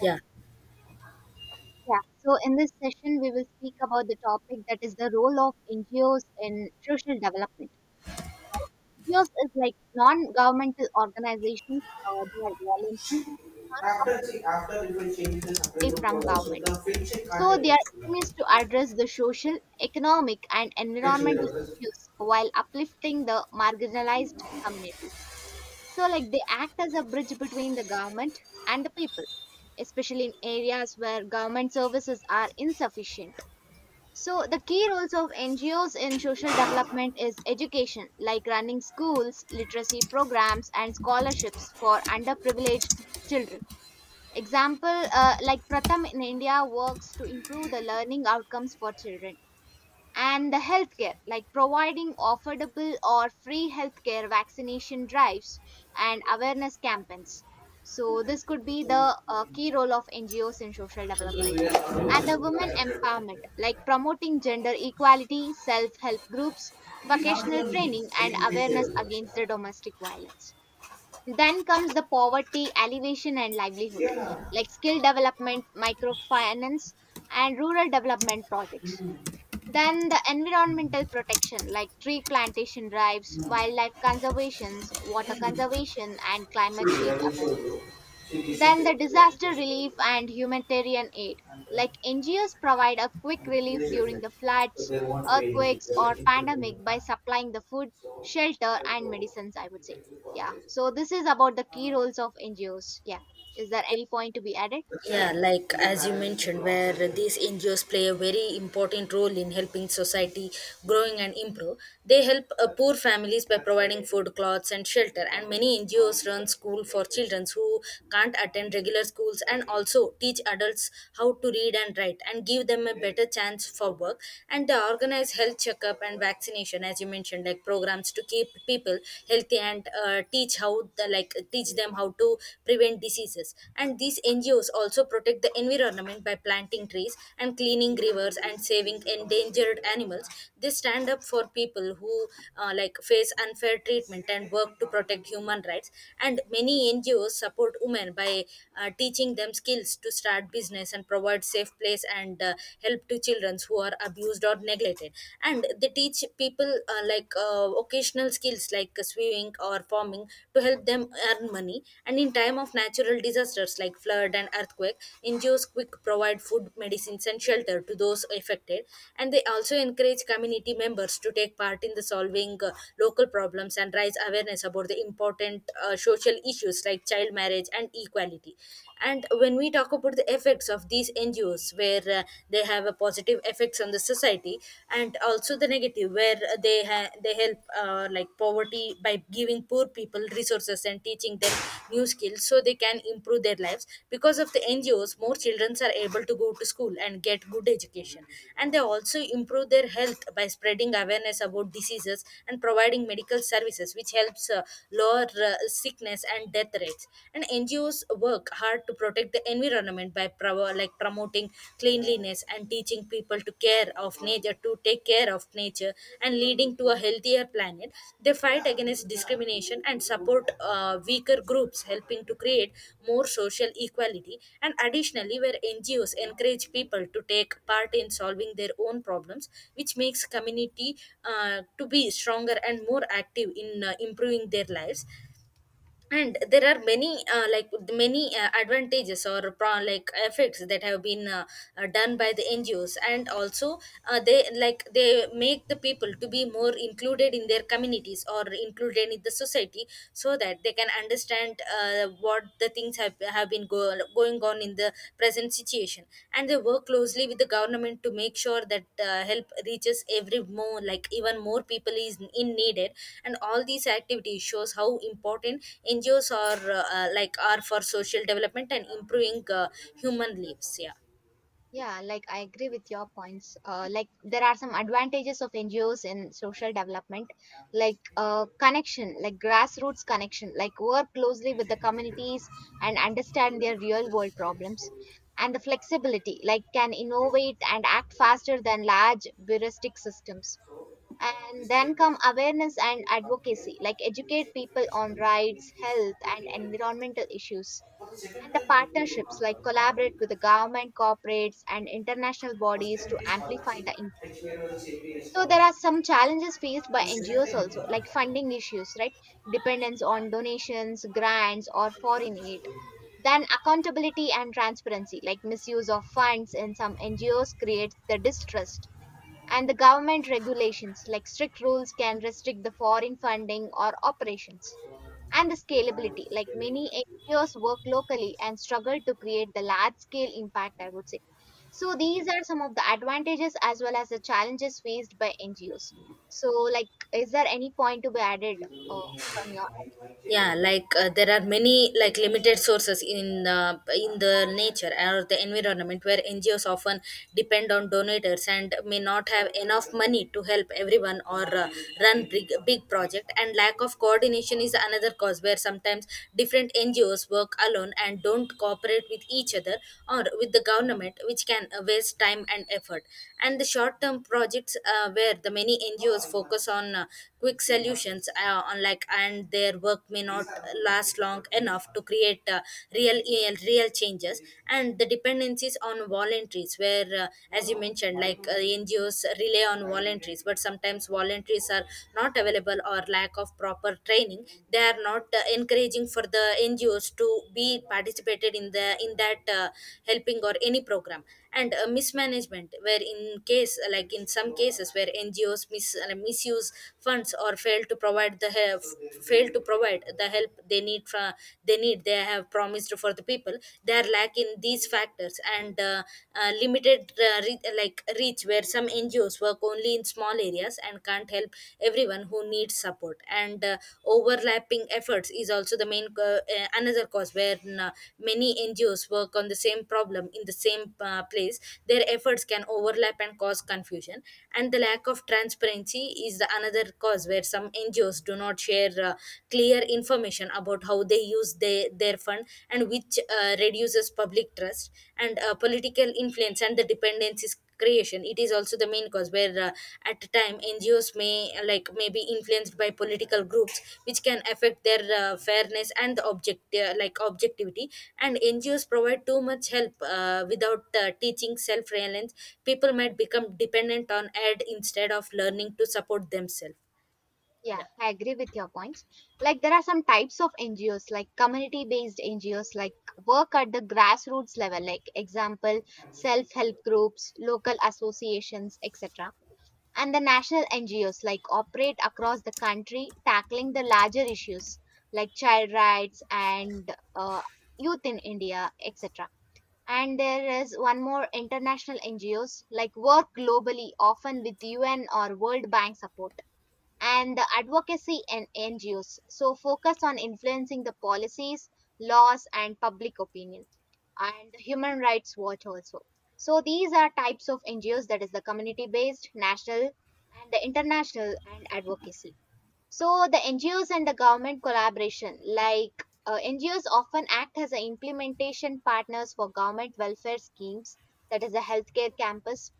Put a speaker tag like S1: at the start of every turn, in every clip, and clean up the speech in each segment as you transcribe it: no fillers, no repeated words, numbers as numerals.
S1: Yeah.
S2: Yeah, so in this session, we will speak about the topic that is the role of NGOs in social development. NGOs is like non-governmental organizations. They are voluntary, not from government. So their aim is to address the social, economic, and environmental issues while uplifting the marginalized communities. So like they act as a bridge between the government and the people, especially in areas where government services are insufficient. So, the key roles of NGOs in social development is education, like running schools, literacy programs, and scholarships for underprivileged children. Example, like Pratham in India works to improve the learning outcomes for children, and the healthcare like providing affordable or free healthcare, vaccination drives, and awareness campaigns. So this could be the key role of ngos in social development, and the women empowerment like promoting gender equality, self help groups, vocational training, and awareness against the domestic violence. Then comes the poverty alleviation and livelihood, like skill development, microfinance, and rural development projects. Then the environmental protection like tree plantation drives, wildlife conservations, water conservation, and climate change awareness. Then the disaster relief and humanitarian aid, like NGOs provide a quick relief during the floods, earthquakes, or pandemic by supplying the food, shelter, and medicines, I would say. Yeah. So this is about the key roles of NGOs. Yeah. Is there any point to be added? Yeah.
S1: Yeah, like as you mentioned, where these NGOs play a very important role in helping society growing and improve. They help poor families by providing food, clothes, and shelter. And many NGOs run school for children who can't attend regular schools, and also teach adults how to read and write, and give them a better chance for work. And they organize health checkup and vaccination, as you mentioned, like programs to keep people healthy and teach how to the, like teach them how to prevent diseases. And these ngos also protect the environment by planting trees and cleaning rivers and saving endangered animals. They stand up for people who like face unfair treatment and work to protect human rights. And many ngos support women by teaching them skills to start business and provide safe place, and help to children who are abused or neglected. And they teach people occasional skills like swimming or farming to help them earn money. And in time of natural disasters like flood and earthquake, ngos quick provide food, medicines, and shelter to those affected. And they also encourage community members to take part in the solving local problems and raise awareness about the important social issues like child marriage and equality. And when we talk about the effects of these ngos, where they have a positive effects on the society and also the negative, where they help, like poverty, by giving poor people resources and teaching them new skills so they can improve their lives. Because of the ngos, more children are able to go to school and get good education. And they also improve their health by spreading awareness about diseases and providing medical services, which helps lower sickness and death rates. And ngos work hard to protect the environment by promoting cleanliness and teaching people to take care of nature and leading to a healthier planet. They fight against discrimination and support weaker groups, helping to create more social equality. And additionally, where ngos encourage people to take part in solving their own problems, which makes community to be stronger and more active in improving their lives. And there are many advantages or effects that have been done by the ngos. And also they like they make the people to be more included in their communities or included in the society, so that they can understand what the things have been going on in the present situation. And they work closely with the government to make sure that help reaches every more like even more people is in needed. And all these activities shows how important ngos are are for social development and improving human lives. Yeah.
S2: Yeah, like I agree with your points. Like there are some advantages of NGOs in social development, like connection, like grassroots connection, like work closely with the communities and understand their real world problems, and the flexibility, like can innovate and act faster than large bureaucratic systems. And then come awareness and advocacy, like educate people on rights, health, and environmental issues, and the partnerships like collaborate with the government, corporates, and international bodies to amplify the impact. So there are some challenges faced by NGOs also, like funding issues, right? Dependence on donations, grants, or foreign aid. Then accountability and transparency, like misuse of funds in some NGOs creates the distrust. And the government regulations, like strict rules, can restrict the foreign funding or operations, and the scalability. Like many NGOs work locally and struggle to create the large scale impact, I would say. So these are some of the advantages as well as the challenges faced by NGOs. So, like, is there any point to be added uh, from your?
S1: Yeah, like there are many like limited sources in the nature or the environment, where ngos often depend on donators and may not have enough money to help everyone or run big, big project. And lack of coordination is another cause, where sometimes different ngos work alone and don't cooperate with each other or with the government, which can waste time and effort. And the short term projects, where the many ngos focus on quick solutions, unlike and their work may not last long enough to create real real changes. And the dependencies on voluntaries, where as you mentioned, like ngos rely on voluntaries, but sometimes voluntaries are not available or lack of proper training. They are not encouraging for the ngos to be participated in the in that helping or any program. And mismanagement, where in case, like in some cases where ngos misuse funds or fail to provide the help they need they have promised for the people. They are lacking these factors. And limited reach, where some ngos work only in small areas and can't help everyone who needs support. And overlapping efforts is also the main another cause, where many ngos work on the same problem in the same place. Their efforts can overlap and cause confusion. And the lack of transparency is the another cause, where some NGOs do not share clear information about how their fund, and which reduces public trust. And political influence and the dependencies creation, it is also the main cause, where at a time ngos may be influenced by political groups, which can affect their fairness and the objectivity. And ngos provide too much help without teaching self reliance, people might become dependent on ad instead of learning to support themselves.
S2: Yeah,
S1: Yeah,
S2: I agree with your points. Like, there are some types of NGOs, like community based NGOs, like work at the grassroots level, like example, self help groups, local associations, etc, and the national NGOs like operate across the country tackling the larger issues like child rights and youth in India, etc. And there is one more international NGOs like work globally, often with UN or World Bank support. And the advocacy and NGOs so focus on influencing the policies, laws, and public opinion, and the Human Rights Watch also. So these are types of NGOs, that is the community based, national, and the international and advocacy. So the NGOs and the government collaboration, like NGOs often act as a implementation partners for government welfare schemes, that is the healthcare campus.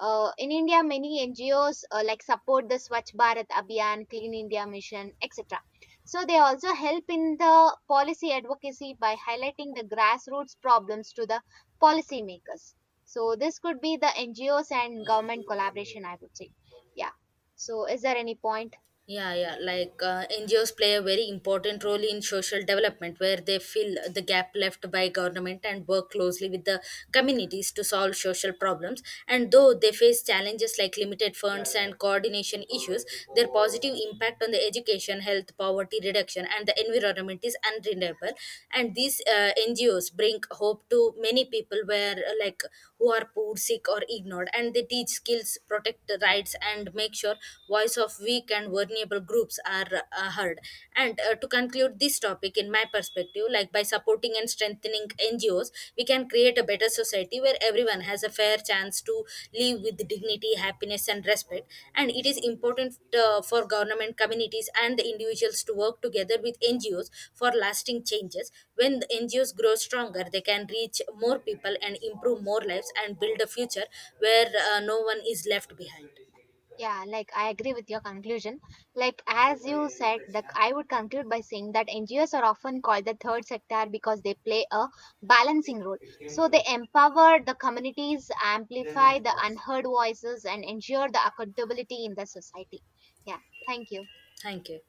S2: In India, many NGOs like support the Swachh Bharat Abhiyan, Clean India Mission, etc. So they also help in the policy advocacy by highlighting the grassroots problems to the policymakers. So this could be the NGOs and government collaboration, I would say. Yeah. So is there any point?
S1: yeah. Like NGOs play a very important role in social development, where they fill the gap left by government and work closely with the communities to solve social problems. And though they face challenges like limited funds and coordination issues, their positive impact on the education, health, poverty reduction, and the environment is undeniable. And these NGOs bring hope to many people, where who are poor, sick, or ignored, and they teach skills, protect the rights, and make sure voice of weak and vulnerable groups are heard. And to conclude this topic, in my perspective, like by supporting and strengthening NGOs, we can create a better society where everyone has a fair chance to live with dignity, happiness, and respect. And it is important for government, communities, and the individuals to work together with NGOs for lasting changes. When the NGOs grow stronger, they can reach more people and improve more lives and build a future where no one is left behind.
S2: Yeah, like I agree with your conclusion. Like as you said, like I would conclude by saying that NGOs are often called the third sector because they play a balancing role. So they empower the communities, amplify the unheard voices, and ensure the accountability in the society. Yeah, thank you.
S1: Thank you.